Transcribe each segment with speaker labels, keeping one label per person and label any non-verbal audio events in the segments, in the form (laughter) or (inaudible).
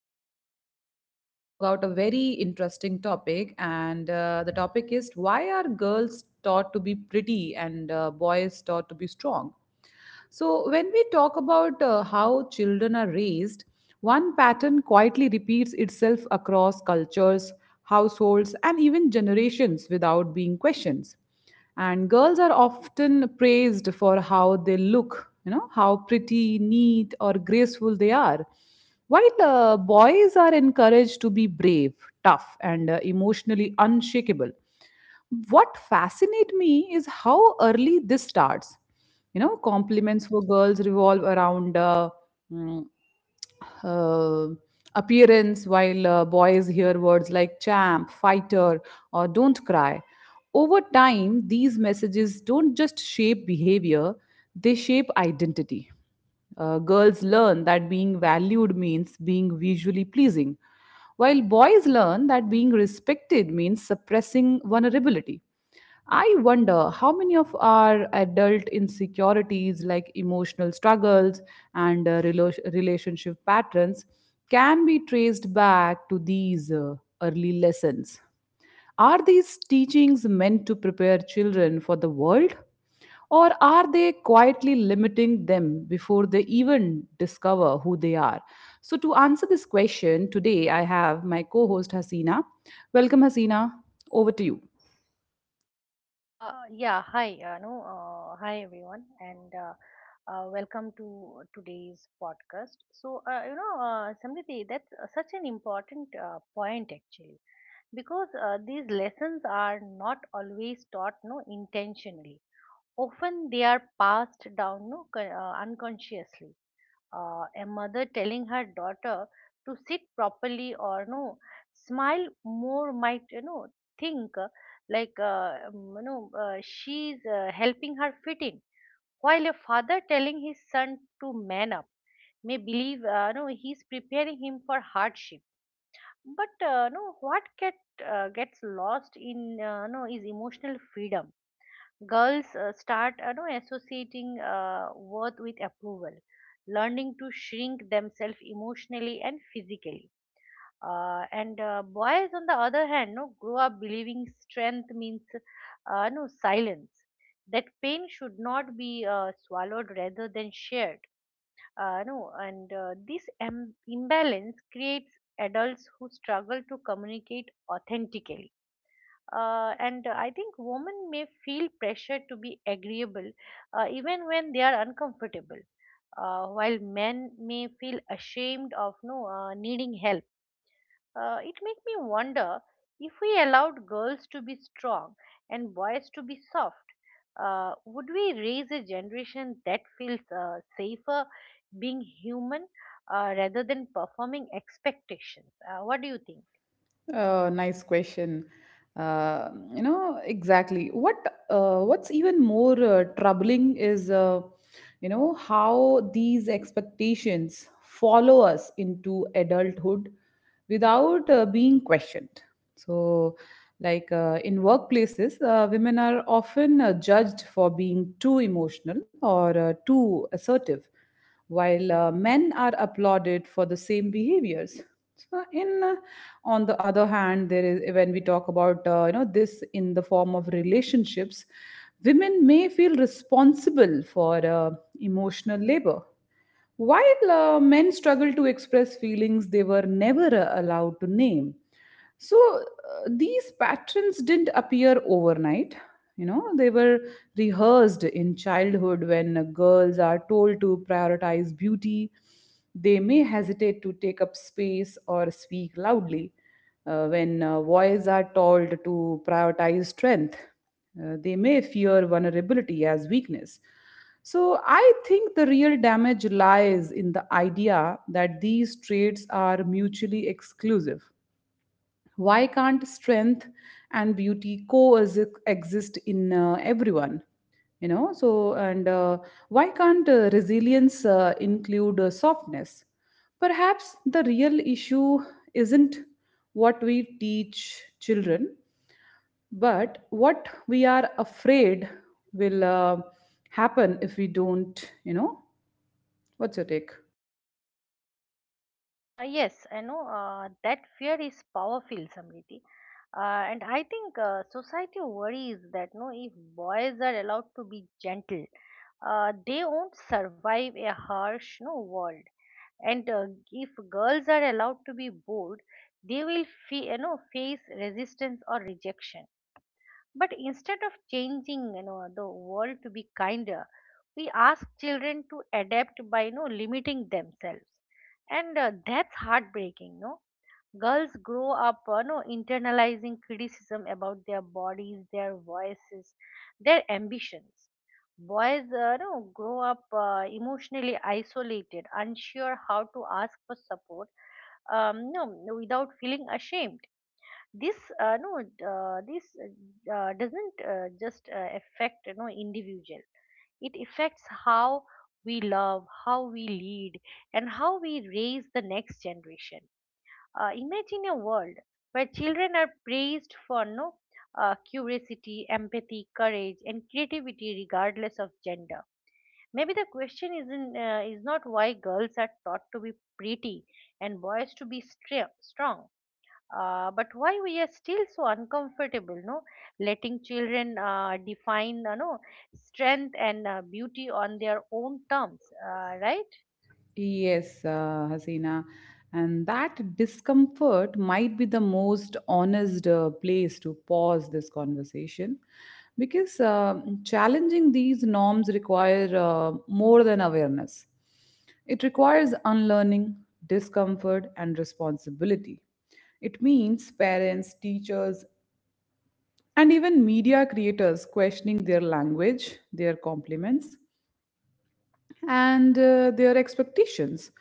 Speaker 1: today we're going to talk about a very interesting topic. And the topic is why are girls taught to be pretty and boys taught to be strong? So, when we talk about how children are raised, one pattern quietly repeats itself across cultures, households, and even generations without being questioned. And girls are often praised for how they look, you know, how pretty, neat, or graceful they are. While boys are encouraged to be brave, tough, and emotionally unshakable. What fascinates me is how early this starts, you know, compliments for girls revolve around mm, uh, appearance, while boys hear words like champ, fighter, or don't cry. Over time, these messages don't just shape behavior, they shape identity. Girls learn that being valued means being visually pleasing, while boys learn that being respected means suppressing vulnerability. I wonder how many of our adult insecurities, like emotional struggles and relationship patterns, can be traced back to these early lessons. Are these teachings meant to prepare children for the world? Or are they quietly limiting them before they even discover who they are? So, to answer this question, today I have my co host Hasina. Welcome, Hasina. Over to you.
Speaker 2: Yeah, hi, Anu. Hi, everyone, and welcome to today's podcast. So, Samriti, that's such an important point, actually, because these lessons are not always taught no intentionally. Often they are passed down no unconsciously, a mother telling her daughter to sit properly, or no, smile more, might think, like, she's helping her fit in, while a father telling his son to man up may believe, no, he's preparing him for hardship, but no, what gets lost in, no, is emotional freedom. Girls start, associating worth with approval, learning to shrink themselves emotionally and physically. And boys, on the other hand, no, grow up believing strength means, no, silence, that pain should not be swallowed rather than shared. No, and this imbalance creates adults who struggle to communicate authentically. And I think women may feel pressure to be agreeable, even when they are uncomfortable, while men may feel ashamed of, no, needing help. It makes me wonder, if we allowed girls to be strong and boys to be soft, would we raise a generation that feels safer being human, rather than performing expectations? What do you think?
Speaker 1: Nice question. You know exactly what's even more troubling is, you know, how these expectations follow us into adulthood without being questioned. So, like, in workplaces, women are often judged for being too emotional or too assertive, while men are applauded for the same behaviors. So, in on the other hand, there is, when we talk about, you know, this in the form of relationships, women may feel responsible for emotional labor, while men struggle to express feelings they were never allowed to name. So these patterns didn't appear overnight. You know, they were rehearsed in childhood. When girls are told to prioritize beauty, they may hesitate to take up space or speak loudly. When boys are told to prioritize strength, they may fear vulnerability as weakness. So I think the real damage lies in the idea that these traits are mutually exclusive. Why can't strength and beauty coexist in everyone? You know, so, and why can't resilience include softness? Perhaps the real issue isn't what we teach children, but what we are afraid will happen if we don't, you know. What's your take?
Speaker 2: Yes, I know that fear is powerful, Samriti. And I think society worries that, no, if boys are allowed to be gentle, they won't survive a harsh, no, world. And if girls are allowed to be bold, they will face resistance or rejection. But instead of changing, the world to be kinder, we ask children to adapt by, limiting themselves, and that's heartbreaking. No, girls grow up, internalizing criticism about their bodies, their voices, their ambitions. Boys, no, grow up emotionally isolated, unsure how to ask for support, no, without feeling ashamed. This uh, no uh, this uh, uh, doesn't just affect, individual. It affects how we love, how we lead, and how we raise the next generation. Imagine a world where children are praised for, no, curiosity, empathy, courage, and creativity, regardless of gender. Maybe the question isn't is not why girls are taught to be pretty and boys to be strong, but why we are still so uncomfortable, no, letting children define, no, strength and beauty on their own terms, right?
Speaker 1: Yes, Hasina. And that discomfort might be the most honest place to pause this conversation, because challenging these norms require more than awareness. It requires unlearning, discomfort, and responsibility. It means parents, teachers, and even media creators questioning their language, their compliments, and their expectations.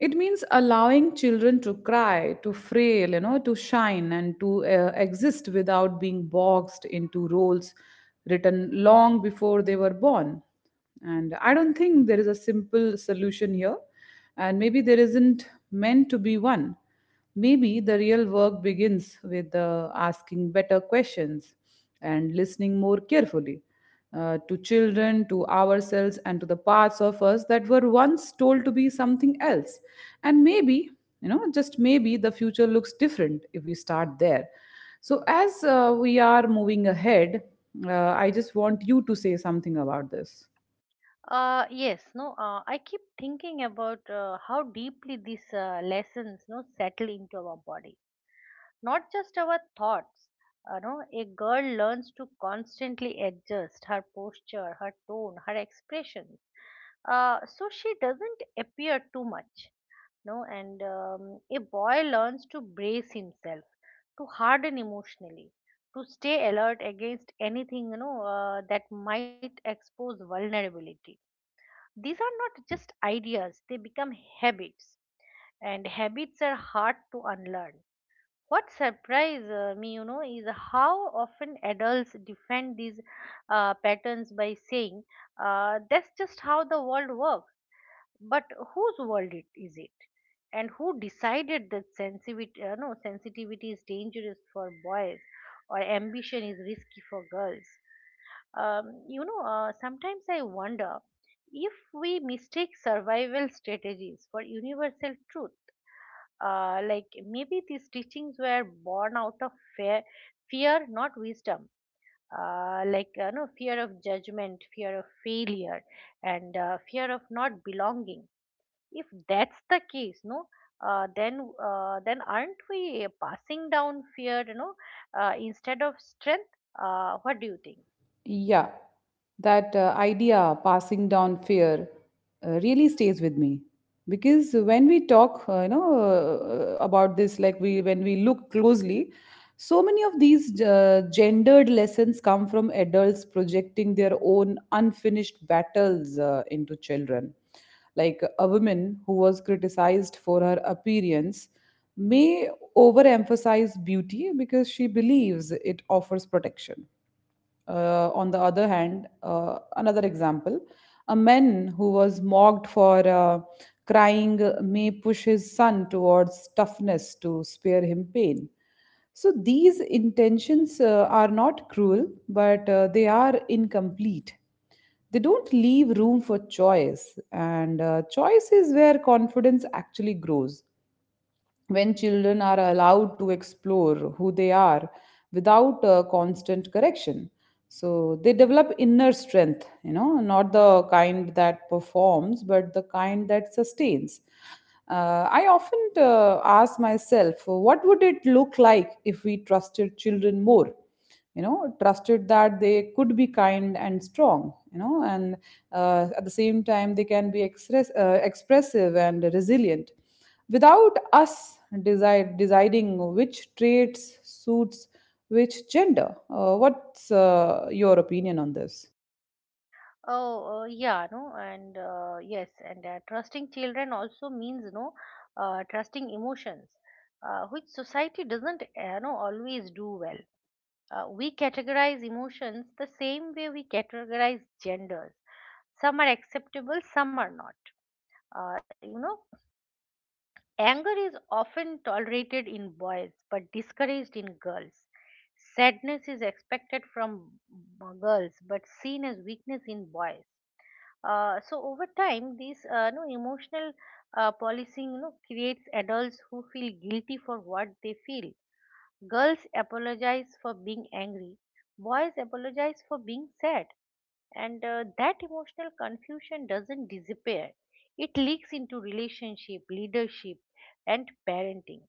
Speaker 1: It means allowing children to cry, to frail, you know, to shine, and to exist without being boxed into roles written long before they were born. And I don't think there is a simple solution here, and maybe there isn't meant to be one. Maybe the real work begins with asking better questions and listening more carefully to children, to ourselves, and to the parts of us that were once told to be something else. And maybe, you know, just maybe the future looks different if we start there. So, as we are moving ahead, I just want you to say something about this.
Speaker 2: Yes, no, I keep thinking about how deeply these lessons, no, settle into our body, not just our thoughts. You no, a girl learns to constantly adjust her posture, her tone, her expressions, so she doesn't appear too much. No, and a boy learns to brace himself, to harden emotionally, to stay alert against anything that might expose vulnerability. These are not just ideas, they become habits, and habits are hard to unlearn. What surprised me, is how often adults defend these patterns by saying, that's just how the world works. But whose world is it? And who decided that sensitivity, no, sensitivity is dangerous for boys, or ambition is risky for girls? Sometimes I wonder if we mistake survival strategies for universal truth. Like, maybe these teachings were born out of fear, fear, not wisdom. Like, no, fear of judgment, fear of failure, and fear of not belonging. If that's the case, no, then aren't we passing down fear, instead of strength? What do you think?
Speaker 1: Yeah, that idea, passing down fear, really stays with me. Because when we talk, you know, about this, like we when we look closely, so many of these gendered lessons come from adults projecting their own unfinished battles into children. Like a woman who was criticized for her appearance may overemphasize beauty because she believes it offers protection. On the other hand, another example: a man who was mocked for crying may push his son towards toughness to spare him pain. So these intentions are not cruel, but they are incomplete. They don't leave room for choice, and choice is where confidence actually grows. When children are allowed to explore who they are without constant correction, so they develop inner strength, you know, not the kind that performs but the kind that sustains. I often ask myself, what would it look like if we trusted children more? You know, trusted that they could be kind and strong, you know, and at the same time they can be expressive and resilient, without us deciding which traits suits which gender. What's your opinion on this?
Speaker 2: Oh, yeah, no, and yes, and trusting children also means, no, trusting emotions, which society doesn't know always do well. We categorize emotions the same way we categorize genders. Some are acceptable, some are not. You know, anger is often tolerated in boys but discouraged in girls. Sadness is expected from girls but seen as weakness in boys. So, over time, this, no, emotional policing, creates adults who feel guilty for what they feel. Girls apologize for being angry. Boys apologize for being sad, and that emotional confusion doesn't disappear. It leaks into relationship, leadership, and parenting.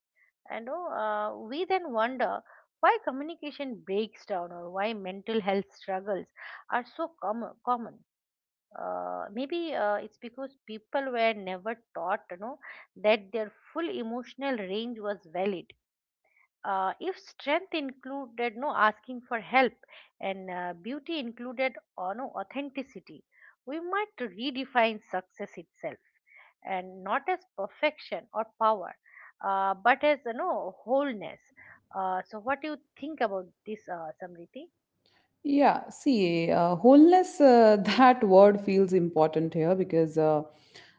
Speaker 2: And, we then wonder why communication breaks down, or why mental health struggles are so common. Maybe it's because people were never taught, that their full emotional range was valid. If strength included, no, asking for help, and beauty included, no, authenticity, we might redefine success itself, and not as perfection or power, but as, wholeness. So, what do you think about this, Samriti?
Speaker 1: Yeah, see, wholeness, (laughs) that word feels important here, because uh,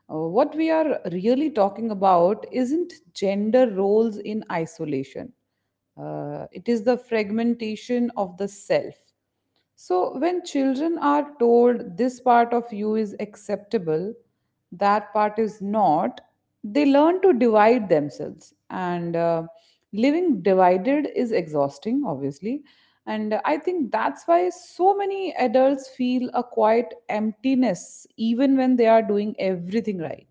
Speaker 1: uh, what we are really talking about isn't gender roles in isolation. It is the fragmentation of the self. So, when children are told this part of you is acceptable, that part is not, they learn to divide themselves. And living divided is exhausting, obviously. And I think that's why so many adults feel a quiet emptiness, even when they are doing everything right.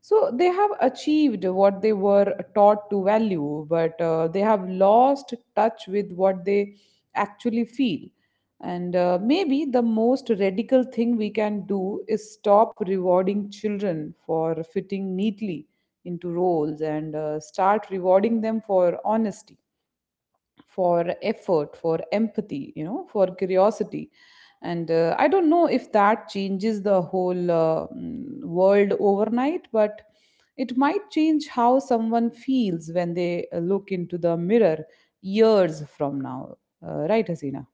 Speaker 1: So they have achieved what they were taught to value, but they have lost touch with what they actually feel. And maybe the most radical thing we can do is stop rewarding children for fitting neatly into roles and start rewarding them for honesty, for effort, for empathy, you know, for curiosity. And I don't know if that changes the whole world overnight, but it might change how someone feels when they look into the mirror years from now. Right, Hasina?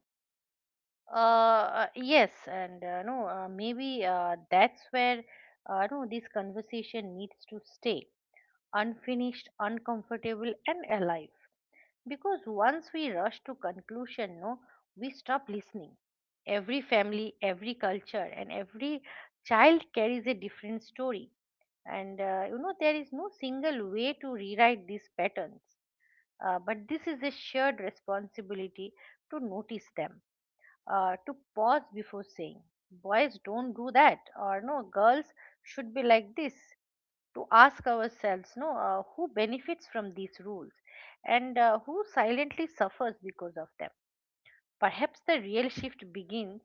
Speaker 2: Yes, and no, maybe that's where, no, this conversation needs to stay unfinished, uncomfortable, and alive, because once we rush to conclusion, no, we stop listening. Every family, every culture, and every child carries a different story, and there is no single way to rewrite these patterns. But this is a shared responsibility, to notice them, to pause before saying boys don't do that, or no, girls should be like this, to ask ourselves, no, who benefits from these rules, and who silently suffers because of them. Perhaps the real shift begins,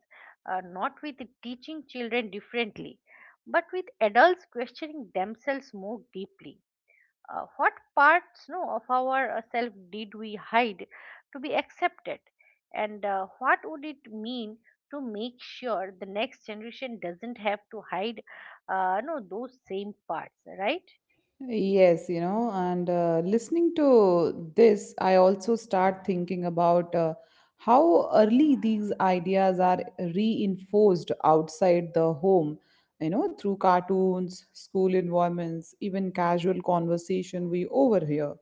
Speaker 2: not with teaching children differently, but with adults questioning themselves more deeply. What parts, no, of our self did we hide to be accepted? And what would it mean to make sure the next generation doesn't have to hide, no, those same parts, right?
Speaker 1: Yes, you know, and listening to this, I also start thinking about how early these ideas are reinforced outside the home, you know, through cartoons, school environments, even casual conversation we overhear.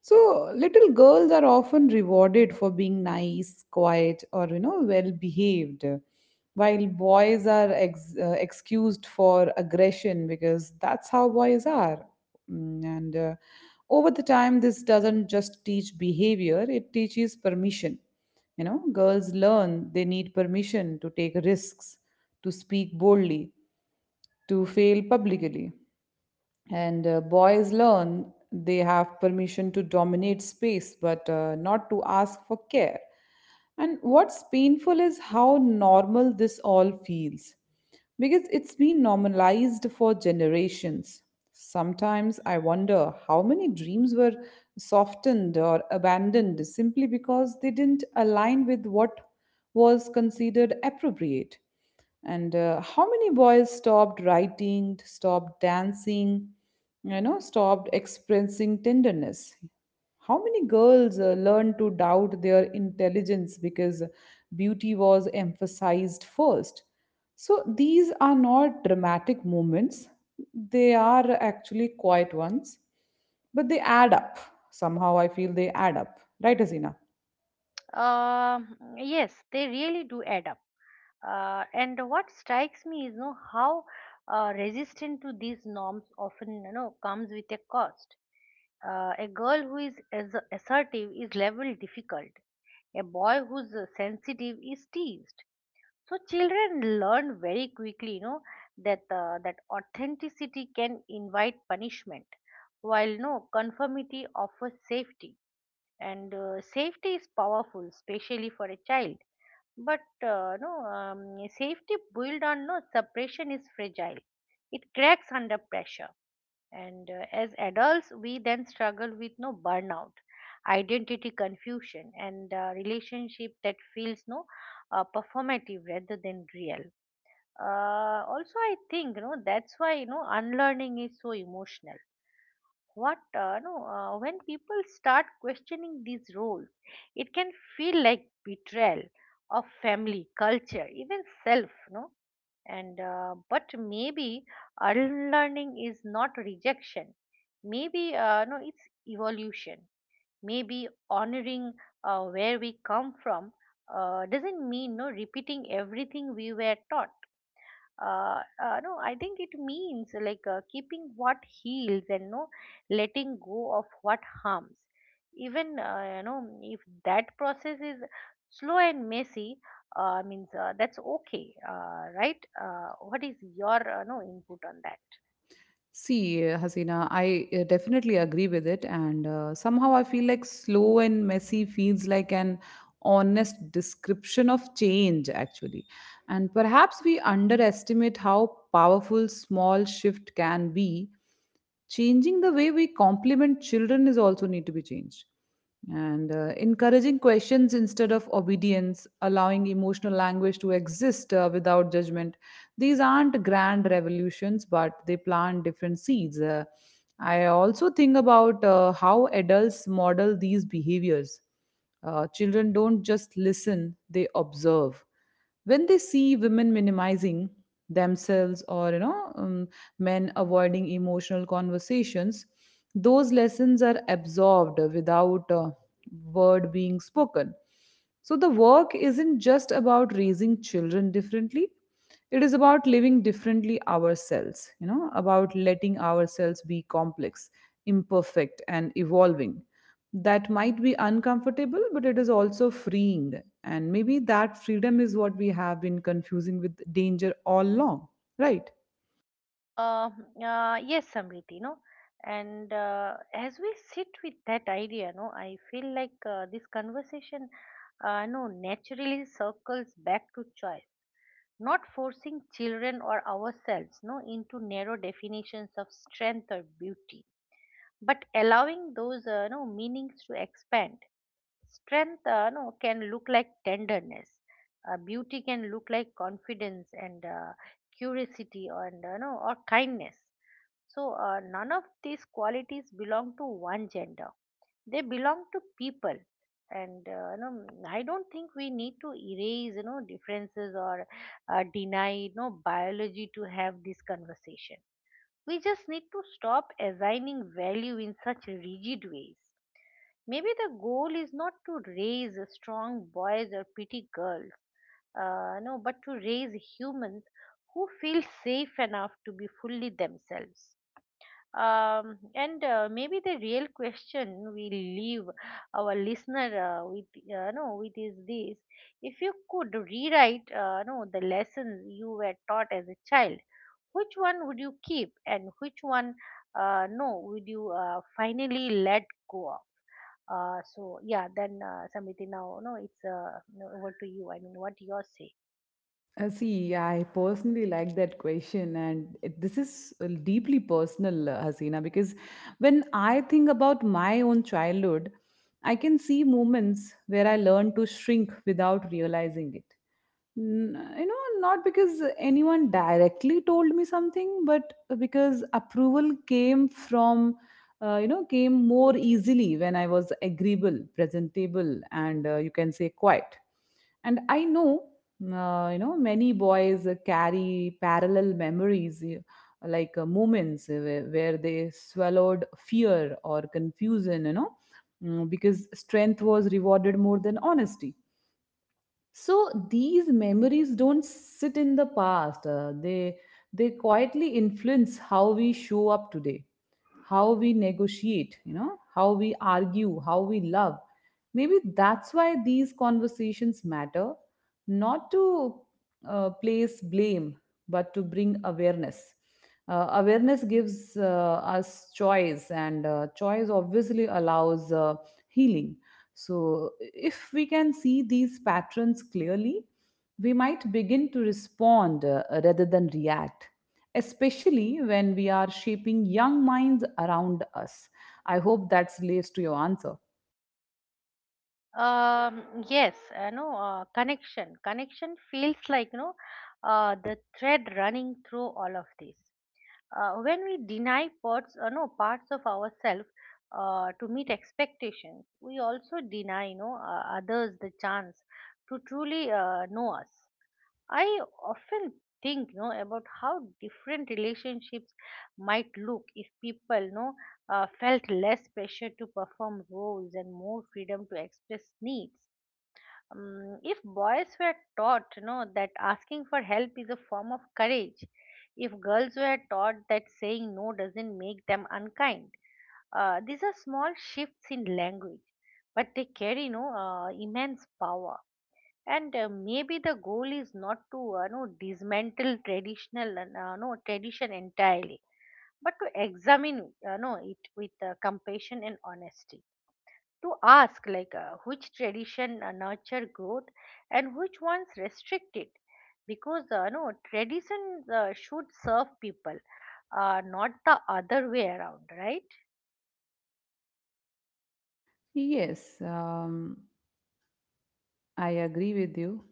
Speaker 1: So little girls are often rewarded for being nice, quiet, or, you know, well behaved, while boys are excused for aggression, because that's how boys are. Mm. And over the time, this doesn't just teach behavior; it teaches permission. You know, girls learn they need permission to take risks, to speak boldly, to fail publicly. And boys learn they have permission to dominate space, but not to ask for care. And what's painful is how normal this all feels, because it's been normalized for generations. Sometimes I wonder how many dreams were softened or abandoned simply because they didn't align with what was considered appropriate, and how many boys stopped writing, stopped dancing, you know, stopped expressing tenderness. How many girls learned to doubt their intelligence because beauty was emphasized first. So these are not dramatic moments, they are actually quiet ones, but they add up. Somehow I feel they add up, right, asina?
Speaker 2: Yes, they really do add up. And what strikes me is, how resistant to these norms often comes with a cost. A girl who is as assertive is labeled difficult. A boy who's sensitive is teased. So children learn very quickly, that authenticity can invite punishment, while, no, conformity offers safety, and safety is powerful, especially for a child. But no, safety built on, no, suppression is fragile. It cracks under pressure, and as adults we then struggle with, no, burnout, identity confusion, and relationship that feels, no, performative rather than real. Also, I think, that's why, unlearning is so emotional. What no When people start questioning these roles, it can feel like betrayal of family, culture, even self, no. And but maybe unlearning is not rejection. Maybe, no, it's evolution. Maybe honoring where we come from doesn't mean, no, repeating everything we were taught. No, I think it means, like, keeping what heals, and no, letting go of what harms, even if that process is slow and messy. Means That's okay, right? What is your, no, input on that?
Speaker 1: See, Hasina, I definitely agree with it, and somehow I feel like slow and messy feels like an honest description of change, actually. And perhaps we underestimate how powerful small shift can be. Changing the way we compliment children is also need to be changed. And encouraging questions instead of obedience, allowing emotional language to exist without judgment. These aren't grand revolutions, but they plant different seeds. I also think about how adults model these behaviors. Children don't just listen, they observe. When they see women minimizing themselves, or, you know, men avoiding emotional conversations, those lessons are absorbed without a word being spoken. So the work isn't just about raising children differently. It is about living differently ourselves, you know, about letting ourselves be complex, imperfect, and evolving. That might be uncomfortable, but it is also freeing. And maybe that freedom is what we have been confusing with danger all along, right?
Speaker 2: uh, yes, Samriti, no, and as we sit with that idea, no, I feel like, this conversation, no, naturally circles back to choice, not forcing children, or ourselves, no, into narrow definitions of strength or beauty, but allowing those, no, meanings to expand. Strength, no, can look like tenderness. Beauty can look like confidence and curiosity, or and, no or kindness. So none of these qualities belong to one gender. They belong to people. And I don't think we need to erase, differences, or deny, biology, to have this conversation. We just need to stop assigning value in such rigid ways. Maybe the goal is not to raise strong boys or pretty girls, no, but to raise humans who feel safe enough to be fully themselves. And maybe the real question we leave our listener with is this: If you could rewrite, no, the lessons you were taught as a child, which one would you keep, and which one, no, would you finally let go of? So, yeah, then Samiti, now, no, it's no, over to you. I mean, what you say?
Speaker 1: See, I personally like that question, and it, this is deeply personal, Hasina, because when I think about my own childhood, I can see moments where I learned to shrink without realizing it. Not because anyone directly told me something, but because approval came from, came more easily when I was agreeable, presentable, and you can say quiet. And I know many boys carry parallel memories like moments where they swallowed fear or confusion, because strength was rewarded more than honesty. So these memories don't sit in the past, they quietly influence how we show up today, how we negotiate, you know, how we argue, how we love. Maybe that's why these conversations matter, not to place blame, but to bring awareness. Uh, awareness gives us choice, and choice obviously allows healing. So if we can see these patterns clearly, we might begin to respond rather than react, especially when we are shaping young minds around us. I hope that relates to your answer.
Speaker 2: Um, yes, connection. Connection feels like, the thread running through all of this. When we deny parts, no, parts of ourselves to meet expectations, we also deny, others the chance to truly know us. I often think, about how different relationships might look if people, felt less pressure to perform roles and more freedom to express needs. If boys were taught that asking for help is a form of courage. If girls were taught that saying no doesn't make them unkind. These are small shifts in language, but they carry immense power. And maybe the goal is not to know dismantle traditional no tradition entirely, but to examine no it with compassion and honesty, to ask, like, which tradition nurture growth and which ones restrict it, because no traditions should serve people, not the other way around, right?
Speaker 1: Yes, I agree with you.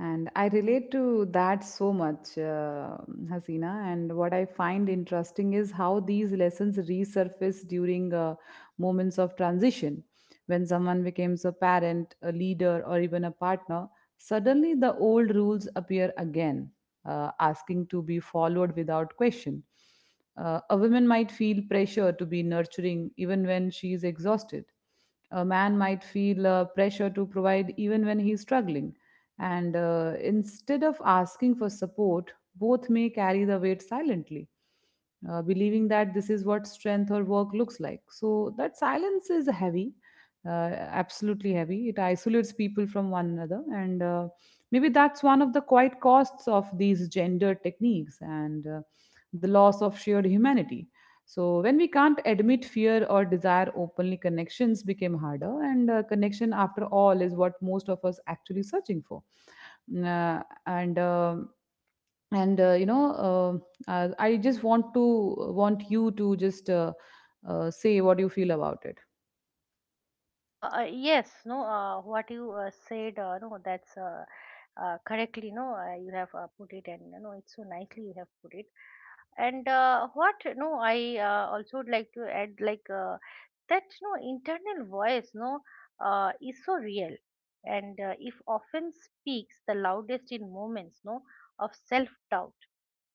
Speaker 1: And I relate to that so much, Hasina. And what I find interesting is how these lessons resurface during moments of transition. When someone becomes a parent, a leader, or even a partner, suddenly the old rules appear again, asking to be followed without question. A woman might feel pressure to be nurturing even when she is exhausted. A man might feel pressure to provide even when he's struggling, and instead of asking for support, both may carry the weight silently, believing that this is what strength or work looks like. So that silence is heavy, absolutely heavy. It isolates people from one another. And maybe that's one of the quiet costs of these gender techniques and the loss of shared humanity. So when we can't admit fear or desire openly, connections became harder, and connection, after all, is what most of us actually searching for. Mm, and you know, I just want you to just say what you feel about it.
Speaker 2: Yes, no, what you said, no, that's correctly, no, you have put it, and it's so nicely you have put it. And what, no, I also would like to add, like, that, no, internal voice, no, is so real, and if often speaks the loudest in moments, no, of self-doubt.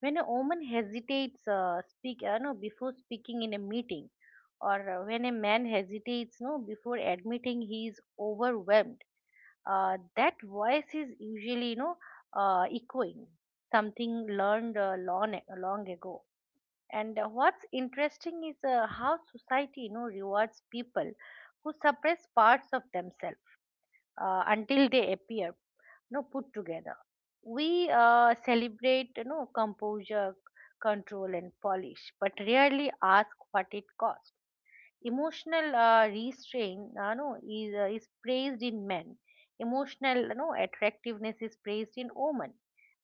Speaker 2: When a woman hesitates, speak, no, before speaking in a meeting, or when a man hesitates, no, before admitting he is overwhelmed, that voice is usually echoing something learned long long ago. And what's interesting is how society rewards people who suppress parts of themselves until they appear put together. We celebrate composure, control, and polish, but rarely ask what it cost. Emotional restraint, no, is praised in men. Emotional, no, attractiveness is praised in women.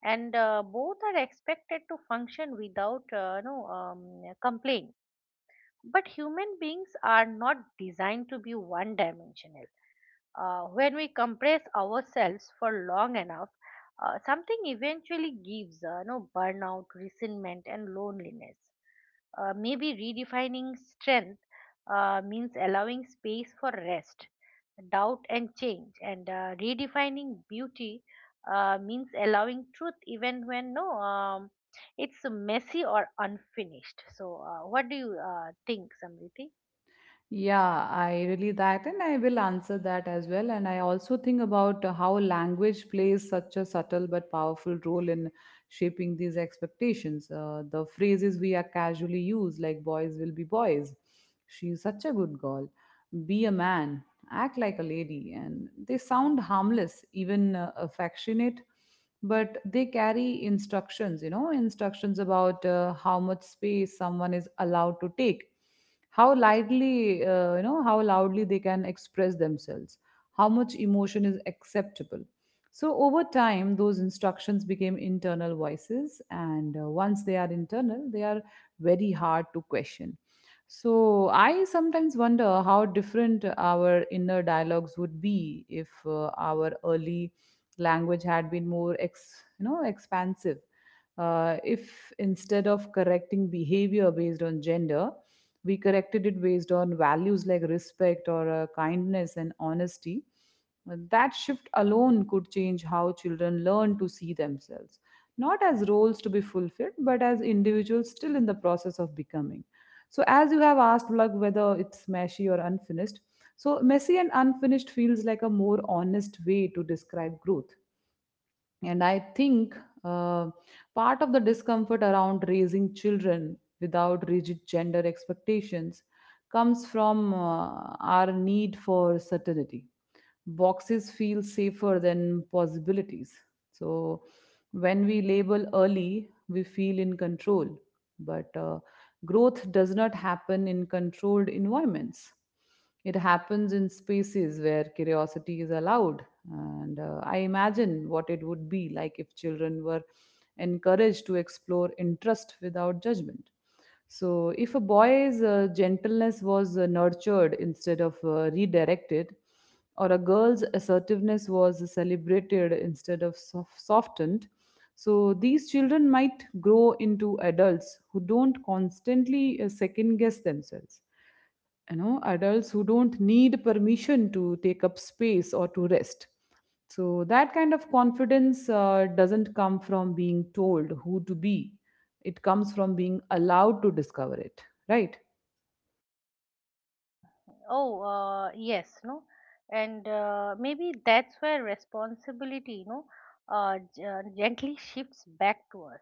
Speaker 2: And both are expected to function without no complaint. But human beings are not designed to be one dimensional. When we compress ourselves for long enough, something eventually gives, no, burnout, resentment, and loneliness. Maybe redefining strength means allowing space for rest, doubt, and change, and redefining beauty means allowing truth even when, no, it's messy or unfinished. So, what do you think, Samriti?
Speaker 1: Yeah, I really that, and I will answer that as well. And I also think about how language plays such a subtle but powerful role in shaping these expectations. The phrases we are casually use, like boys will be boys, she's such a good girl, be a man, act like a lady, and they sound harmless, even affectionate, but they carry instructions, you know, instructions about how much space someone is allowed to take, how lively, how loudly they can express themselves, how much emotion is acceptable. So over time those instructions became internal voices, and once they are internal they are very hard to question. So I sometimes wonder how different our inner dialogues would be if our early language had been more you know, expansive. Uh, if instead of correcting behavior based on gender we corrected it based on values like respect or kindness and honesty. That shift alone could change how children learn to see themselves, not as roles to be fulfilled, but as individuals still in the process of becoming. So, as you have asked, like whether it's meshy or unfinished, so messy and unfinished feels like a more honest way to describe growth. And I think uh, part of the discomfort around raising children without rigid gender expectations comes from our need for certainty. Boxes feel safer than possibilities. So when we label early, we feel in control. But growth does not happen in controlled environments. It happens in spaces where curiosity is allowed. And I imagine what it would be like if children were encouraged to explore interest without judgment. So, if a boy's gentleness was nurtured instead of redirected, or a girl's assertiveness was celebrated instead of softened, so these children might grow into adults who don't constantly second guess themselves, you know, adults who don't need permission to take up space or to rest. So that kind of confidence doesn't come from being told who to be, it comes from being allowed to discover it, right?
Speaker 2: Oh, yes, no, and maybe that's where responsibility, gently (laughs) shifts back to us,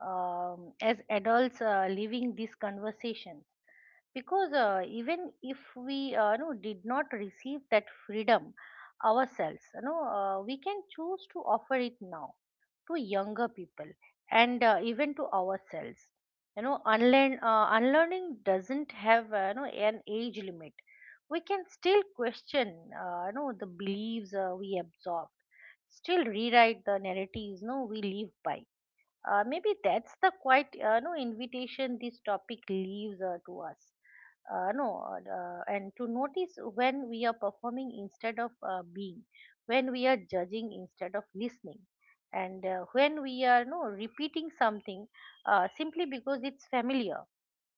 Speaker 2: as adults living these conversations. Because even if we, did not receive that freedom ourselves, we can choose to offer it now to younger people, and even to ourselves. Unlearning doesn't have, an age limit. We can still question the beliefs we absorb, still rewrite the narratives, no, we live by. Maybe that's the quite no invitation this topic leaves to us. No, And to notice when we are performing instead of being, when we are judging instead of listening, and when we are, no, repeating something simply because it's familiar.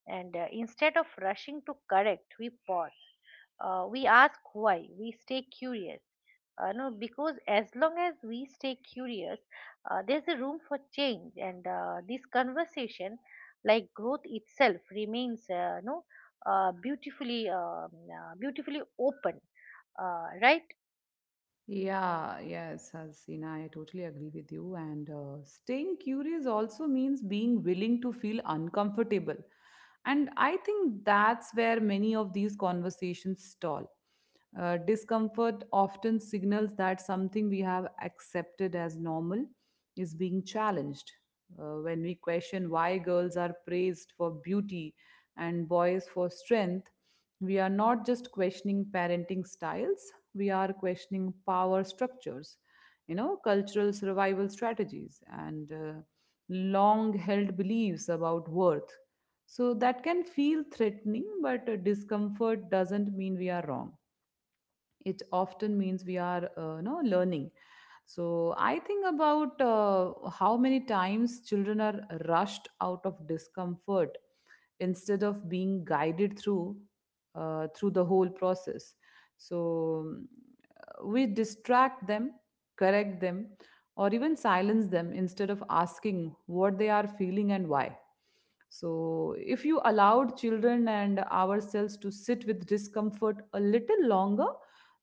Speaker 2: And instead of rushing to correct, we pause. We ask why. We stay curious, no, because as long as we stay curious, there's a room for change. And this conversation, like growth itself, remains no beautifully, beautifully open, right?
Speaker 1: Yeah, yes, Hasina, I totally agree with you. And staying curious also means being willing to feel uncomfortable. And I think that's where many of these conversations stall. Discomfort often signals that something we have accepted as normal is being challenged. When we question why girls are praised for beauty and boys for strength, we are not just questioning parenting styles, we are questioning power structures, you know, cultural survival strategies, and long held beliefs about worth. So that can feel threatening, but discomfort doesn't mean we are wrong, it often means we are learning. So I think about how many times children are rushed out of discomfort instead of being guided through through the whole process. So we distract them, correct them, or even silence them instead of asking what they are feeling and why. So, if you allowed children and ourselves to sit with discomfort a little longer,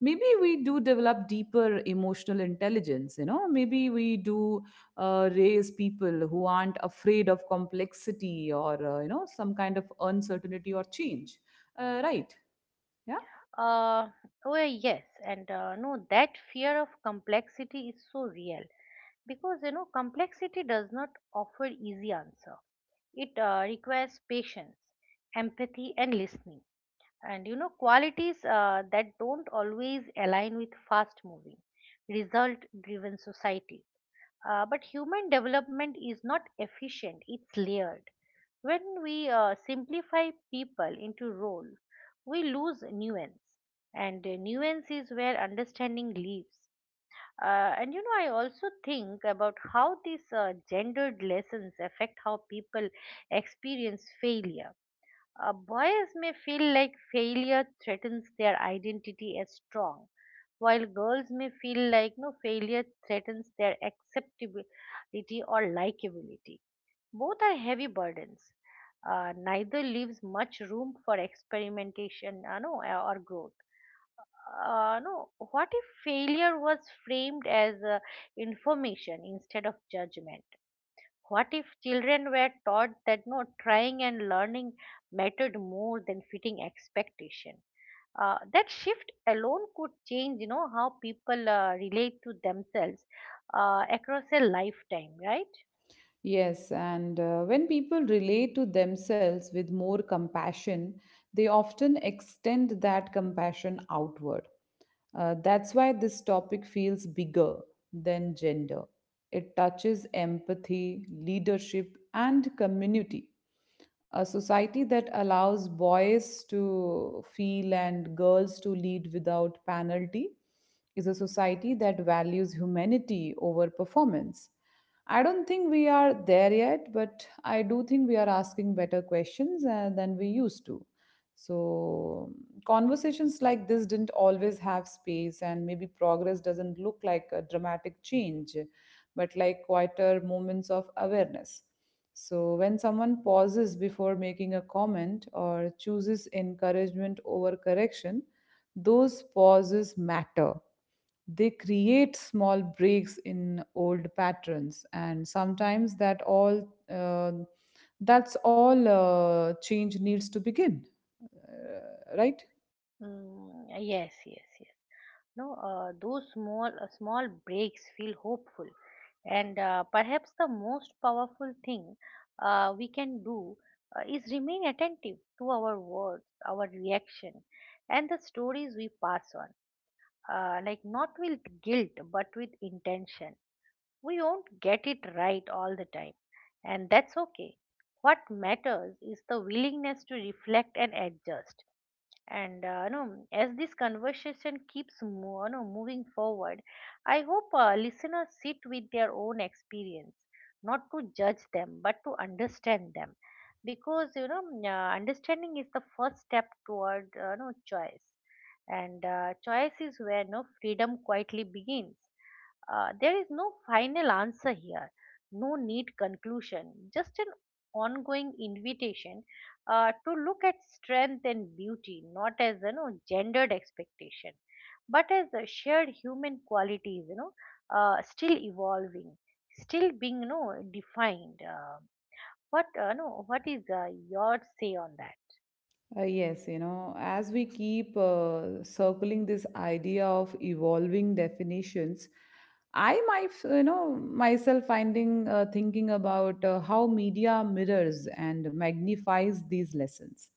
Speaker 1: maybe we do develop deeper emotional intelligence. You know, maybe we do raise people who aren't afraid of complexity or, some kind of uncertainty or change. Right. Yeah.
Speaker 2: uh, oh yes, and no, that fear of complexity is so real, because complexity does not offer easy answer. It requires patience, empathy, and listening, and qualities that don't always align with fast moving, result driven society. But human development is not efficient, it's layered. When we simplify people into roles, we lose nuance. And nuance is where understanding lives. And I also think about how these gendered lessons affect how people experience failure. Boys may feel like failure threatens their identity as strong, while girls may feel like, no, failure threatens their acceptability or likability. Both are heavy burdens. Neither leaves much room for experimentation, no, or growth. No, what if failure was framed as information instead of judgment? What if children were taught that, no, trying and learning mattered more than fitting expectation? That shift alone could change, how people relate to themselves across a lifetime, right?
Speaker 1: Yes, and when people relate to themselves with more compassion, they often extend that compassion outward. That's why this topic feels bigger than gender. It touches empathy, leadership, and community. A society that allows boys to feel and girls to lead without penalty is a society that values humanity over performance. I don't think we are there yet, but I do think we are asking better questions than we used to. So, conversations like this didn't always have space, and maybe progress doesn't look like a dramatic change, but like quieter moments of awareness. So, when someone pauses before making a comment or chooses encouragement over correction, those pauses matter, they create small breaks in old patterns, and sometimes that's all change needs to begin, right?
Speaker 2: Mm, yes, yes, yes. No, those small breaks feel hopeful. And perhaps the most powerful thing we can do is remain attentive to our words, our reaction, and the stories we pass on. Like, not with guilt, but with intention. We won't get it right all the time, and that's okay. What matters is the willingness to reflect and adjust, and no, as this conversation keeps mo- no, moving forward, I hope listeners sit with their own experience, not to judge them, but to understand them, because mm, understanding is the first step toward no choice, and choice is where, no, freedom quietly begins. There is no final answer here, no neat conclusion, just an ongoing invitation to look at strength and beauty not as gendered expectation, but as a shared human qualities, still evolving, still being defined. What no, what is your say on that?
Speaker 1: Yes, you know, as we keep circling this idea of evolving definitions, I might, you know, myself finding thinking about how media mirrors and magnifies these lessons.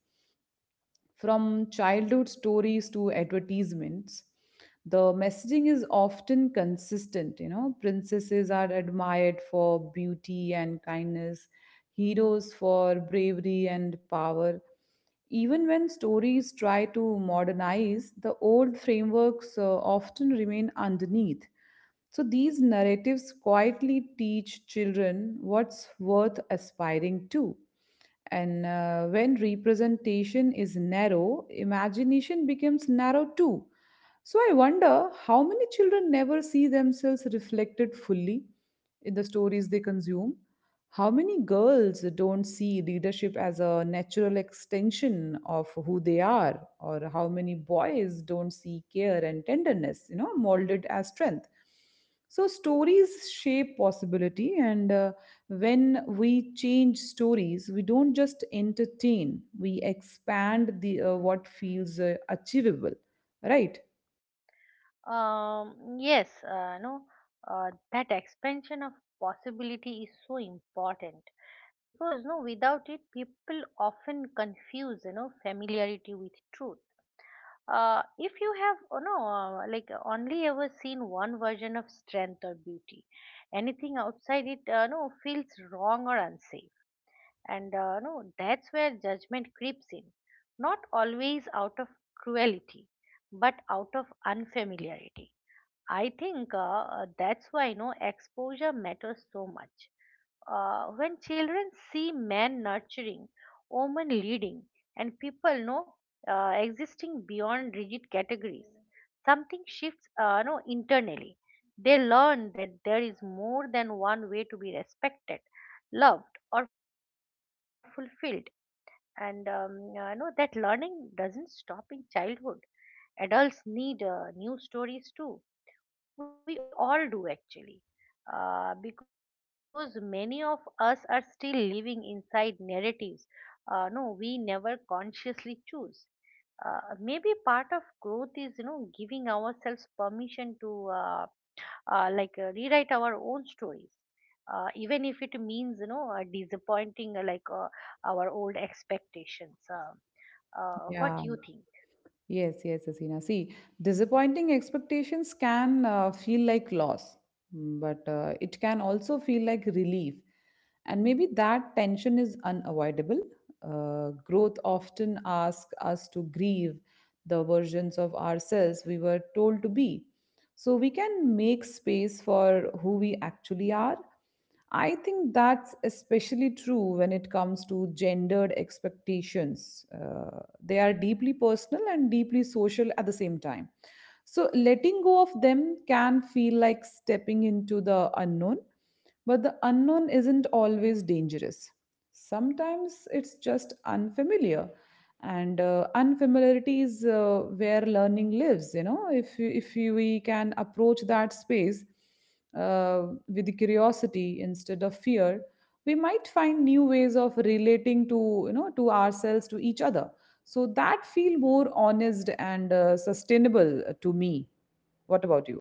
Speaker 1: From childhood stories to advertisements, the messaging is often consistent. You know, princesses are admired for beauty and kindness, heroes for bravery and power. Even when stories try to modernize, the old frameworks often remain underneath. So these narratives quietly teach children what's worth aspiring to. And when representation is narrow, imagination becomes narrow too. So I wonder how many children never see themselves reflected fully in the stories they consume. How many girls don't see leadership as a natural extension of who they are, or how many boys don't see care and tenderness, you know, molded as strength. So, stories shape possibility, and when we change stories, we don't just entertain, we expand the what feels achievable, right?
Speaker 2: Yes, no, that expansion of possibility is so important, because, no, without it people often confuse familiarity with truth. If you have, oh no, only ever seen one version of strength or beauty, anything outside it, no, feels wrong or unsafe. And no, that's where judgment creeps in. Not always out of cruelty, but out of unfamiliarity. I think that's why, no, exposure matters so much. When children see men nurturing, women leading, and people, no, existing beyond rigid categories, something shifts no internally. They learn that there is more than one way to be respected, loved, or fulfilled, and no, that learning doesn't stop in childhood. Adults need new stories too, we all do actually, because many of us are still living inside narratives. No, we never consciously choose. Maybe part of growth is giving ourselves permission to rewrite our own stories, even if it means disappointing our old expectations.
Speaker 1: Yeah,
Speaker 2: What you think?
Speaker 1: yes, yes, Asina. See, disappointing expectations can feel like loss, mm, but it can also feel like relief. And maybe that tension is unavoidable. Growth often asks us to grieve the versions of ourselves we were told to be, so we can make space for who we actually are. I think that's especially true when it comes to gendered expectations. They are deeply personal and deeply social at the same time. So, letting go of them can feel like stepping into the unknown. But the unknown isn't always dangerous. Sometimes it's just unfamiliar, and unfamiliarity is where learning lives. You know, if you- we can approach that space with curiosity instead of fear, we might find new ways of relating to, you know, to ourselves, to each other. So that feel more honest and sustainable to me. What about you?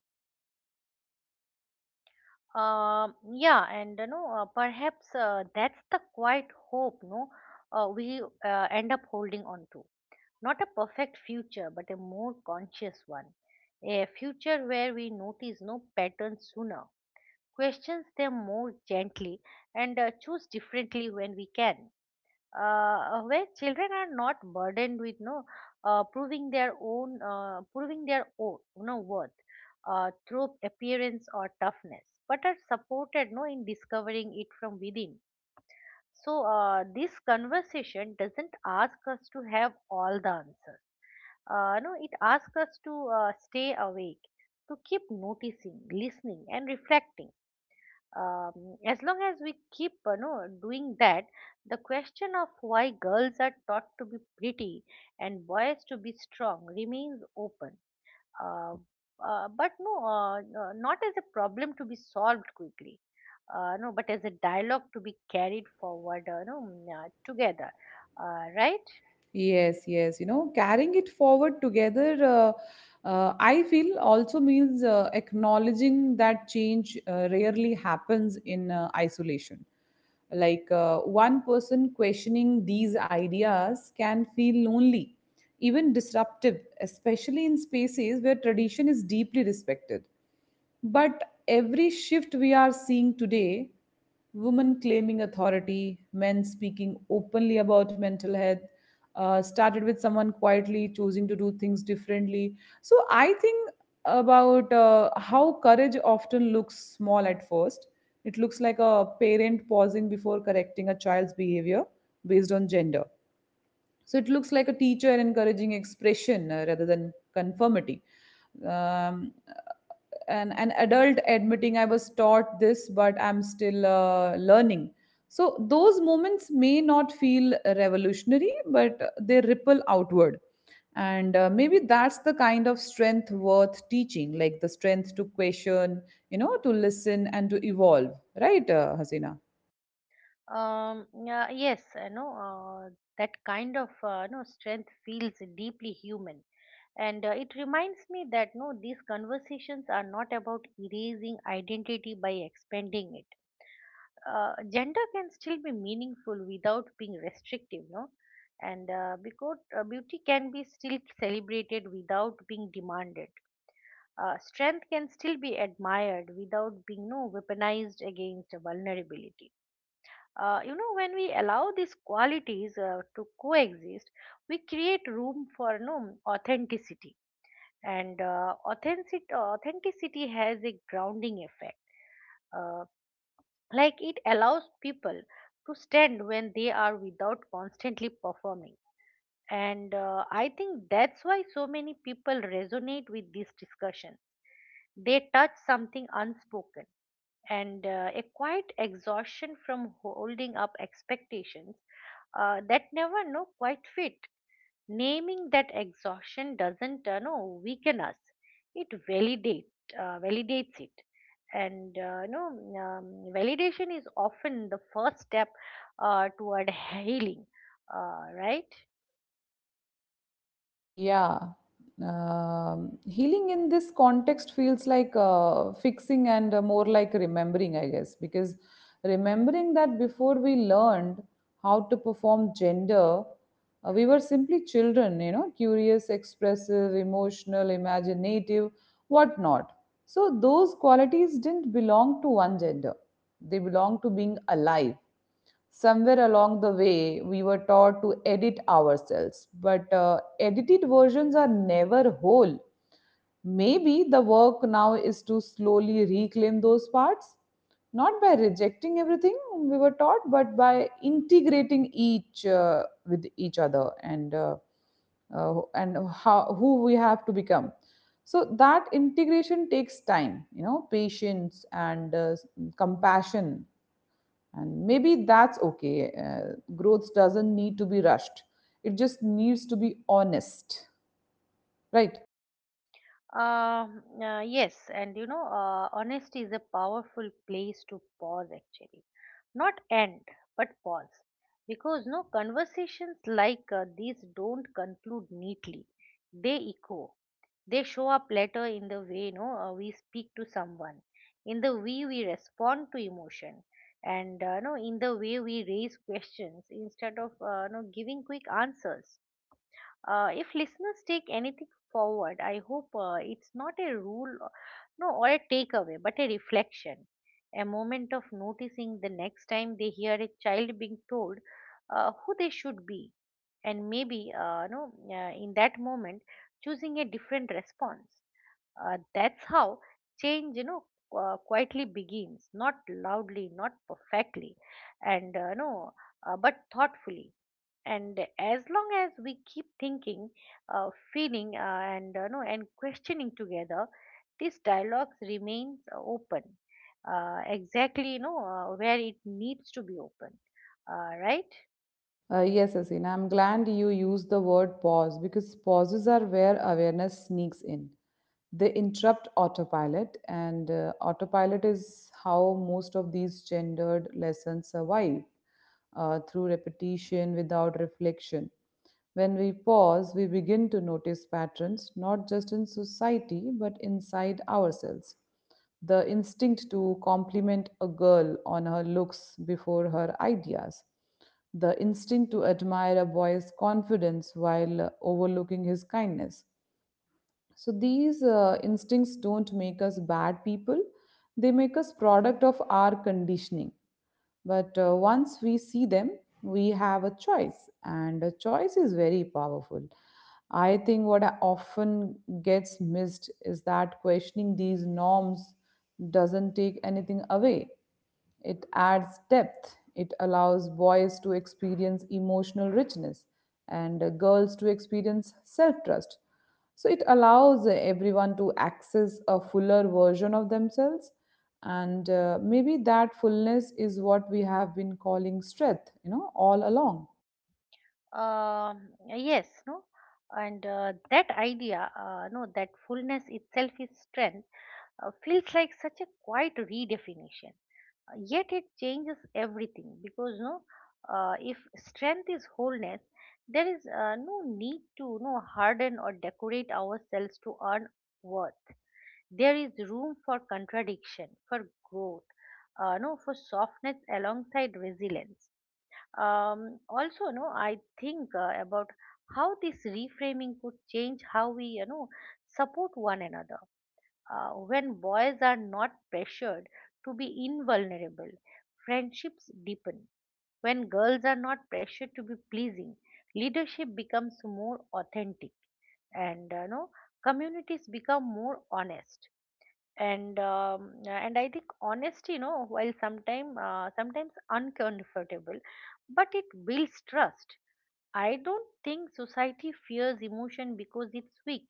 Speaker 2: Yeah, and perhaps that's the quiet hope, no, we end up holding on to. Not a perfect future, but a more conscious one. A future where we notice, no, patterns sooner, questions them more gently, and choose differently when we can, where children are not burdened with, no, proving their own, no, worth through appearance or toughness, but are supported, no, in discovering it from within. So, this conversation doesn't ask us to have all the answers. No, it asks us to stay awake, to keep noticing, listening, and reflecting, as long as we keep doing that, the question of why girls are taught to be pretty and boys to be strong remains open, uh, but, no, not as a problem to be solved quickly, no, but as a dialogue to be carried forward, no, mm, together, right?
Speaker 1: Yes, yes. You know, carrying it forward together, I feel also means acknowledging that change rarely happens in isolation. Like one person questioning these ideas can feel lonely, even disruptive, especially in spaces where tradition is deeply respected. But every shift we are seeing today, women claiming authority, men speaking openly about mental health, started with someone quietly choosing to do things differently. So I think about how courage often looks small at first. It looks like a parent pausing before correcting a child's behavior based on gender. So it looks like a teacher encouraging expression rather than conformity. Um, and an adult admitting I was taught this, but I'm still learning. So those moments may not feel revolutionary, but they ripple outward. And maybe that's the kind of strength worth teaching, like the strength to question, you know, to listen and to evolve, right, Hasina?
Speaker 2: Yeah, yes, that kind of no strength feels deeply human. And it reminds me that, no, these conversations are not about erasing identity by expanding it. Gender can still be meaningful without being restrictive, no. And because beauty can be still celebrated without being demanded. Strength can still be admired without being, no, weaponized against vulnerability. You know, when we allow these qualities to coexist, we create room for, no, authenticity. And authenticity has a grounding effect, uh, like it allows people to stand when they are without constantly performing. And I think that's why so many people resonate with this discussion, they touch something unspoken, and a quiet exhaustion from holding up expectations that never, know quite fit. Naming that exhaustion doesn't no weaken us, it validates it. And um, validation is often the first step toward healing, right?
Speaker 1: Yeah. Healing in this context feels like fixing and more like remembering, I guess, because remembering that before we learned how to perform gender, we were simply children, you know, curious, expressive, emotional, imaginative, whatnot. So those qualities didn't belong to one gender, they belong to being alive. Somewhere along the way, we were taught to edit ourselves, but edited versions are never whole. Maybe the work now is to slowly reclaim those parts, not by rejecting everything we were taught, but by integrating each with each other and how who we have to become. So that integration takes time, you know, patience and compassion. And maybe that's okay. Growth doesn't need to be rushed, it just needs to be honest, right?
Speaker 2: Yes, and honesty is a powerful place to pause actually, not end, but pause, because, no, conversations like these don't conclude neatly, they echo. They show up later in the way, no, we speak to someone, in the way we respond to emotion, and no, in the way we raise questions instead of no giving quick answers. If listeners take anything forward, I hope it's not a rule, no, or a takeaway, but a reflection, a moment of noticing the next time they hear a child being told who they should be. And maybe no in that Moment, choosing a different response. That's how change, quietly begins, not loudly, not perfectly, and no, but thoughtfully. And as long as we keep thinking, feeling, and no, and questioning together, this dialogue remains open, exactly, where it needs to be open, right?
Speaker 1: Yes, Asina, I'm glad you used the word pause, because pauses are where awareness sneaks in. They interrupt autopilot, and autopilot is how most of these gendered lessons survive, through repetition without reflection. When we pause, we begin to notice patterns, not just in society but inside ourselves. The instinct to compliment a girl on her looks before her ideas, the instinct to admire a boy's confidence while overlooking his kindness. So these instincts don't make us bad people, they make us product of our conditioning. But once we see them, we have a choice, and a choice is very powerful. I think what often gets missed is that questioning these norms doesn't take anything away. It adds depth. It allows boys to experience emotional richness and girls to experience self trust. So it allows everyone to access a fuller version of themselves. And maybe that fullness is what we have been calling strength, you know, all along.
Speaker 2: Yes, no, and that idea, no, that fullness itself is strength. Feels like such a quiet redefinition. Yet it changes everything because, if strength is wholeness, there is no need to no harden or decorate ourselves to earn worth. There is room for contradiction, for growth, no for softness alongside resilience. um, Also, no I think about how this reframing could change how we, support one another. When boys are not pressured to be invulnerable, friendships deepen. When girls are not pressured to be pleasing, leadership becomes more authentic, and no communities become more honest. And and I think honesty, you know, while sometimes uncomfortable, but it builds trust. I don't think society fears emotion because it's weak.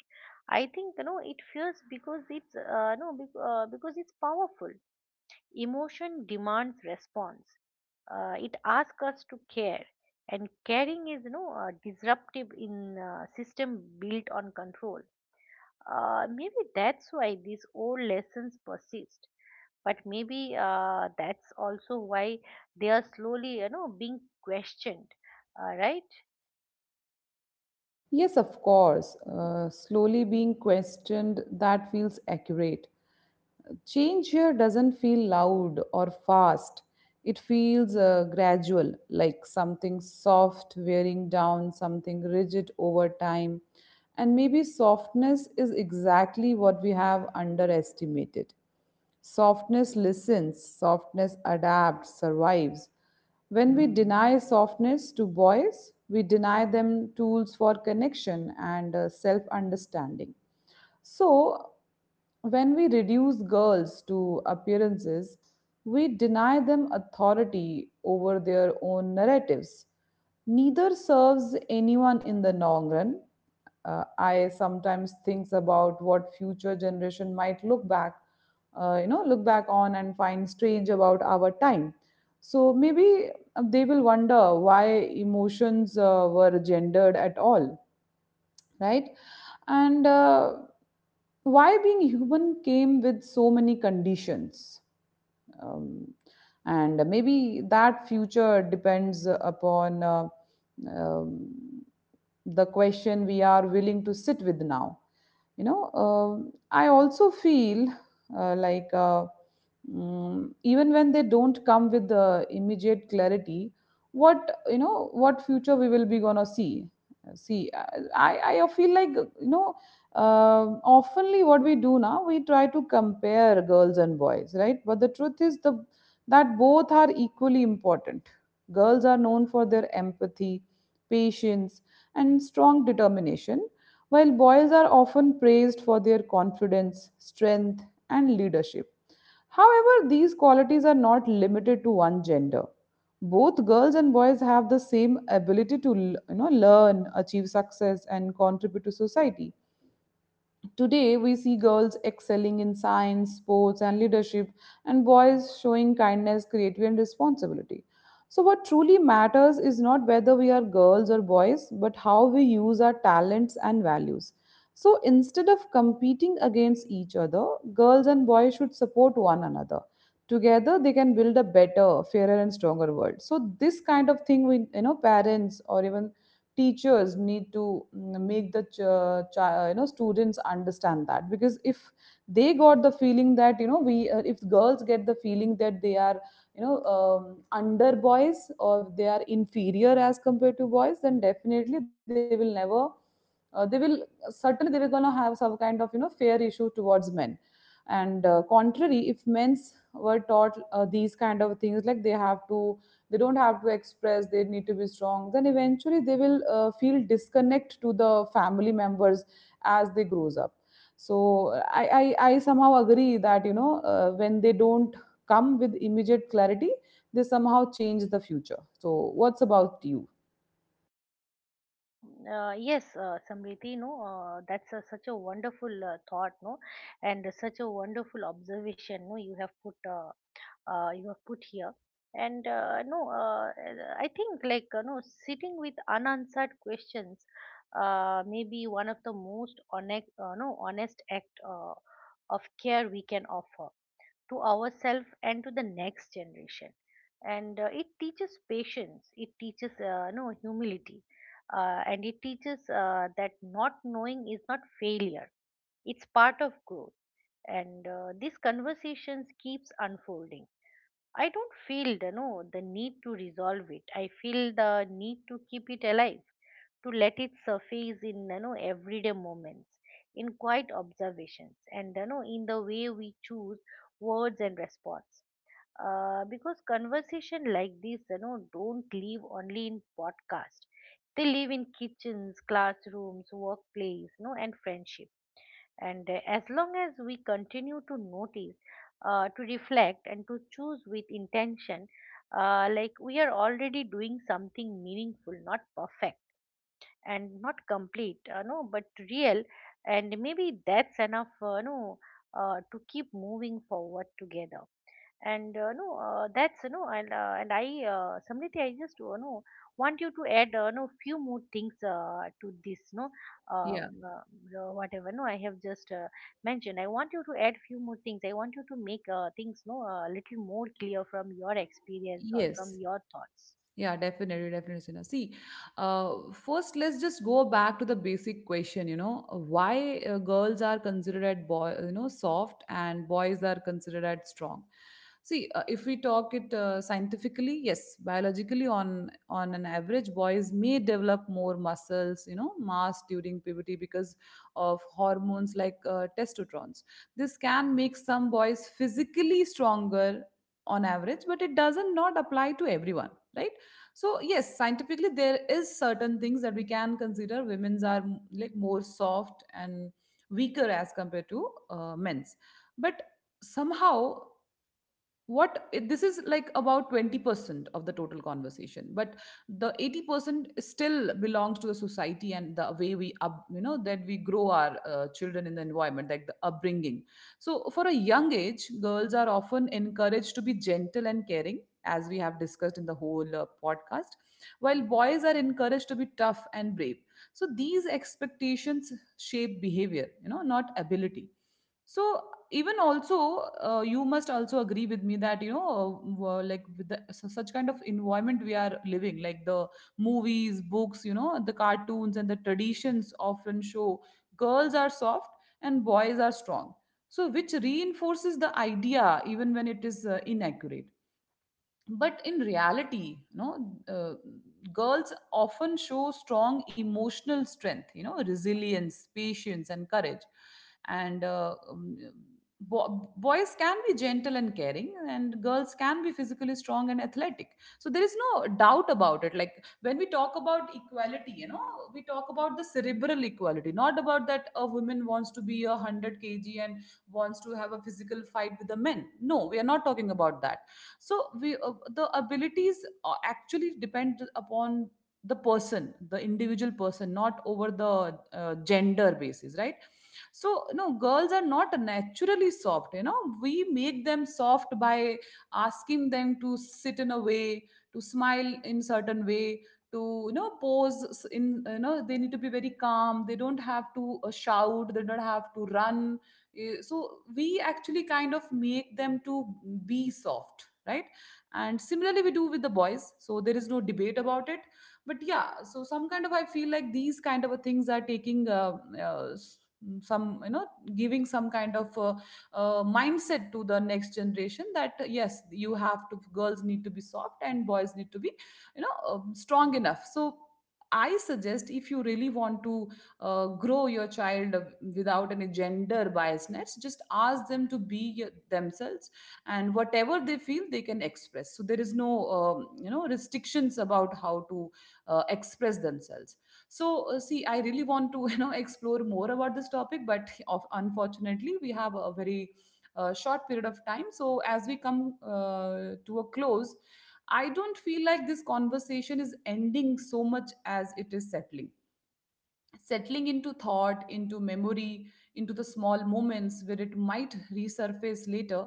Speaker 2: I think, you know, it fears because it's no bec- because it's powerful. Emotion demands response. It asks us to care, and caring is, you know, disruptive in system built on control. Maybe that's why these old lessons persist. But maybe that's also why they are slowly, you know, being questioned. Right?
Speaker 1: Yes, of course, slowly being questioned, that feels accurate. Change here doesn't feel loud or fast. It feels gradual, like something soft wearing down something rigid over time. And maybe softness is exactly what we have underestimated. Softness listens, softness adapts, survives. When we deny softness to boys, we deny them tools for connection and self understanding. So, when we reduce girls to appearances, we deny them authority over their own narratives. Neither serves anyone in the long run. I sometimes think about what future generation might look back, you know, look back on and find strange about our time. So maybe they will wonder why emotions were gendered at all, right? And why being human came with so many conditions. Um, and maybe that future depends upon um, the question we are willing to sit with now, you know. I also feel uh, like uh, even when they don't come with the immediate clarity what, you know, what future we will be gonna see. See, I feel like, you know, oftenly what we do now we try to compare girls and boys, right? But the truth is the that both are equally important. Girls are known for their empathy, patience, and strong determination, while boys are often praised for their confidence, strength, and leadership. However, these qualities are not limited to one gender. Both girls and boys have the same ability to, you know, learn, achieve success, and contribute to society. Today, we see girls excelling in science, sports, and leadership, and boys showing kindness, creativity, and responsibility. So, what truly matters is not whether we are girls or boys, but how we use our talents and values. So, instead of competing against each other, girls and boys should support one another. Together, they can build a better, fairer, and stronger world. So, this kind of thing, we, you know, parents or even teachers need to make the you know, students understand that, because if they got the feeling that, you know, we if girls get the feeling that they are, you know, under boys or they are inferior as compared to boys, then definitely they will never they will certainly they were going to have some kind of, you know, fair issue towards men. And contrary, if men's were taught these kind of things, like they have to, they don't have to express, they need to be strong, then eventually they will feel disconnect to the family members as they grows up. So I somehow agree that, you know, when they don't come with immediate clarity they somehow change the future. So what's about you?
Speaker 2: Um, yes, Samriti, no, that's a, such a wonderful thought, no, and such a wonderful observation, no, you have put here, and I think, like, no, sitting with unanswered questions, may be one of the most honest, no, honest act of care we can offer to ourselves and to the next generation. And it teaches patience, it teaches, no humility, and it teaches that not knowing is not failure, it's part of growth. And these conversations keeps unfolding. I don't feel the no the need to resolve it, I feel the need to keep it alive, to let it surface in, you know, everyday moments, in quiet observations, and, you know, in the way we choose words and response. Because conversation like this, you know, don't live only in podcast, they live in kitchens, classrooms, workplace, you know, and friendship. And as long as we continue to notice, to reflect and to choose with intention, like we are already doing something meaningful, not perfect and not complete, no but real. And maybe that's enough, no to keep moving forward together. And uh, no uh, that's, you know, and I Samriti, I just know want you to add, no few more things to this, no. um,
Speaker 1: Yeah,
Speaker 2: uh, Whatever, no I have just mentioned, I want you to add few more things. I want you to make things, no a little more clear, from your experience or
Speaker 1: yes.
Speaker 2: from your thoughts.
Speaker 1: Yeah, definitely, definitely, Sina. See, first let's just go back to the basic question. You know, why girls are considered at boy, you know, soft, and boys are considered at strong. See, if we talk it scientifically, yes, biologically, on an average, boys may develop more muscles, you know, mass during puberty because of hormones like testosterone. This can make some boys physically stronger on average, but it doesn't not apply to everyone, right? So yes, scientifically there is certain things that we can consider women's are like more soft and weaker as compared to men's. But somehow this is like about 20% of the total conversation, but the 80% still belongs to the society and the way we up, you know, that we grow our children in the environment, like the upbringing. So for a young age girls are often encouraged to be gentle and caring, as we have discussed in the whole podcast, while boys are encouraged to be tough and brave. So these expectations shape behavior, you know, not ability. So even also you must also agree with me that, you know, like with the, such kind of environment we are living, like the movies, books, you know, the cartoons and the traditions often show girls are soft and boys are strong, so which reinforces the idea even when it is inaccurate. But in reality, you know, girls often show strong emotional strength, you know, resilience, patience and courage. And boys can be gentle and caring, and girls can be physically strong and athletic. So there is no doubt about it. Like, when we talk about equality, you know, we talk about the cerebral equality, not about that a woman wants to be a 100 kg and wants to have a physical fight with the men. No, we are not talking about that. So we, the abilities actually depend upon the person, the individual person, not over the gender basis, right? So no, girls are not naturally soft, you know, we make them soft by asking them to sit in a way, to smile in certain way, to, you know, pose in, you know, they need to be very calm, they don't have to shout, they don't have to run. Eh, so we actually kind of make them to be soft, right? And similarly we do with the boys, so there is no debate about it. But yeah, so some kind of, I feel like these kind of a things are taking uh, s- some, you know, giving some kind of mindset to the next generation that yes, you have to, girls need to be soft and boys need to be, you know, strong enough. So I suggest, if you really want to grow your child without any gender biasness, just ask them to be themselves, and whatever they feel, they can express. So there is no, you know, restrictions about how to express themselves. So see, I really want to (laughs) you know, explore more about this topic, but of, unfortunately we have a very short period of time. So as we come to a close, I don't feel like this conversation is ending so much as it is settling, settling into thought, into memory, into the small moments where it might resurface later.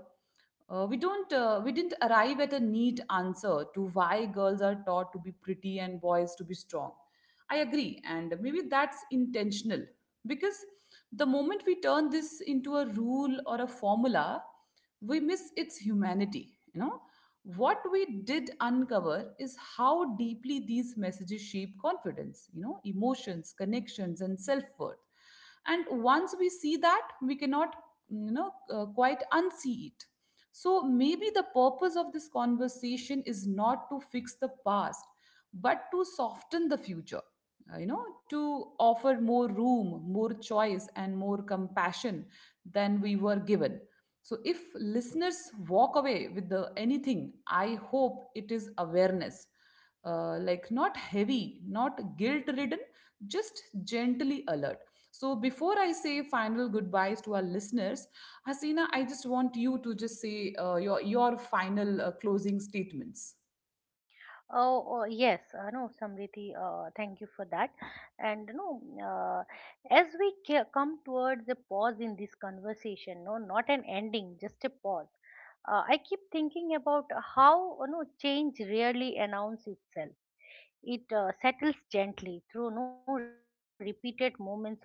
Speaker 1: We didn't arrive at a neat answer to why girls are taught to be pretty and boys to be strong. I agree, and maybe that's intentional, because the moment we turn this into a rule or a formula, we miss its humanity. You know, what we did uncover is how deeply these messages shape confidence, you know, emotions, connections and self-worth. And once we see that, we cannot, you know, quite unsee it. So maybe the purpose of this conversation is not to fix the past but to soften the future, you know, to offer more room, more choice and more compassion than we were given. So if listeners walk away with the anything, I hope it is awareness. Like, not heavy, not guilt ridden, just gently alert. So before I say final goodbyes to our listeners, Hasina, I just want you to just say your final closing statements.
Speaker 2: Oh, oh yes, no, Samriti, thank you for that. And no, uh, as we come towards a pause in this conversation, no, not an ending, just a pause. I keep thinking about how, you know, change rarely announces itself. It settles gently through, no repeated moments of honesty,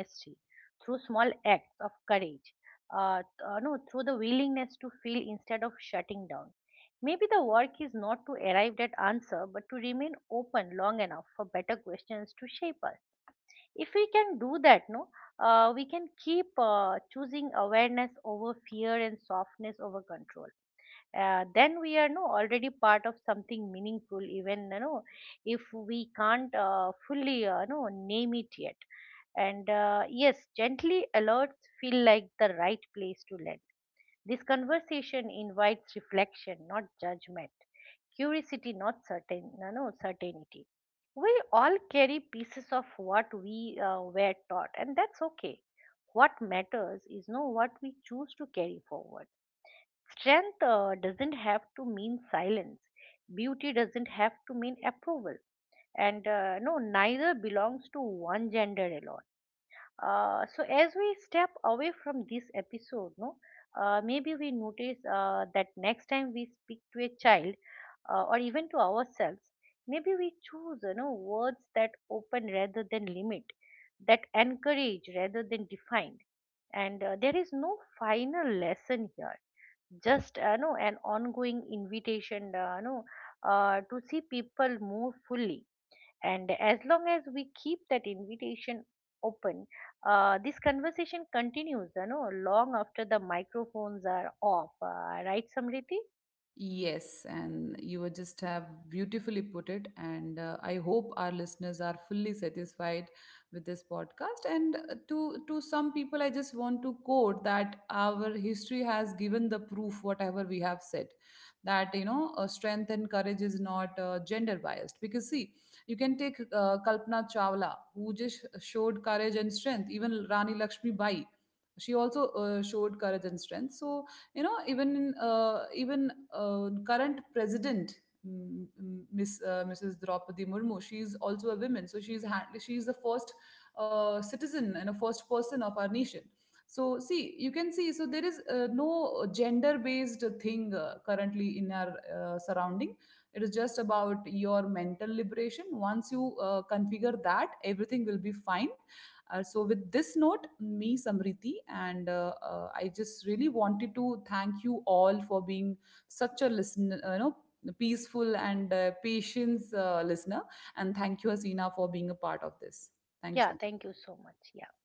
Speaker 2: through small acts of courage, th- no through the willingness to feel instead of shutting down. Maybe the work is not to arrive at answer, but to remain open long enough for better questions to shape us. If we can do that, no, we can keep choosing awareness over fear and softness over control, then we are no already part of something meaningful, even, you know, if we can't fully no name it yet. And yes, gently alerts feel like the right place to land. This conversation invites reflection, not judgment, curiosity, not certain no, no certainty. We all carry pieces of what we were taught, and that's okay. What matters is, no what we choose to carry forward. Strength doesn't have to mean silence. Beauty doesn't have to mean approval. And neither belongs to one gender alone. So as we step away from this episode, no, maybe we notice that next time we speak to a child, or even to ourselves, maybe we choose, you know, words that open rather than limit, that encourage rather than define. And there is no final lesson here, just an ongoing invitation, no to see people more fully. And as long as we keep that invitation open, this conversation continues, you know, long after the microphones are off. Right, Samriti?
Speaker 1: Yes, and you were just have beautifully put it. And I hope our listeners are fully satisfied with this podcast. And to some people, I just want to quote that our history has given the proof whatever we have said, that, you know, strength and courage is not gender biased. Because see, you can take Kalpana Chawla, who just showed courage and strength. Even Rani Lakshmi Bai, she also showed courage and strength. So, you know, even in even current president Miss, Mrs. Draupadi Murmu. She's also a woman, so she's the first citizen and a first person of our nation. So see, you can see. So there is no gender-based thing currently in our surrounding. It is just about your mental liberation. Once you configure that, everything will be fine. So, with this note, me, Samriti, and I just really wanted to thank you all for being such a listener, you know, peaceful and patience listener. And thank you, Asina, for being a part of this. Thank you so
Speaker 2: Yeah,
Speaker 1: much.
Speaker 2: thank you so much. Yeah.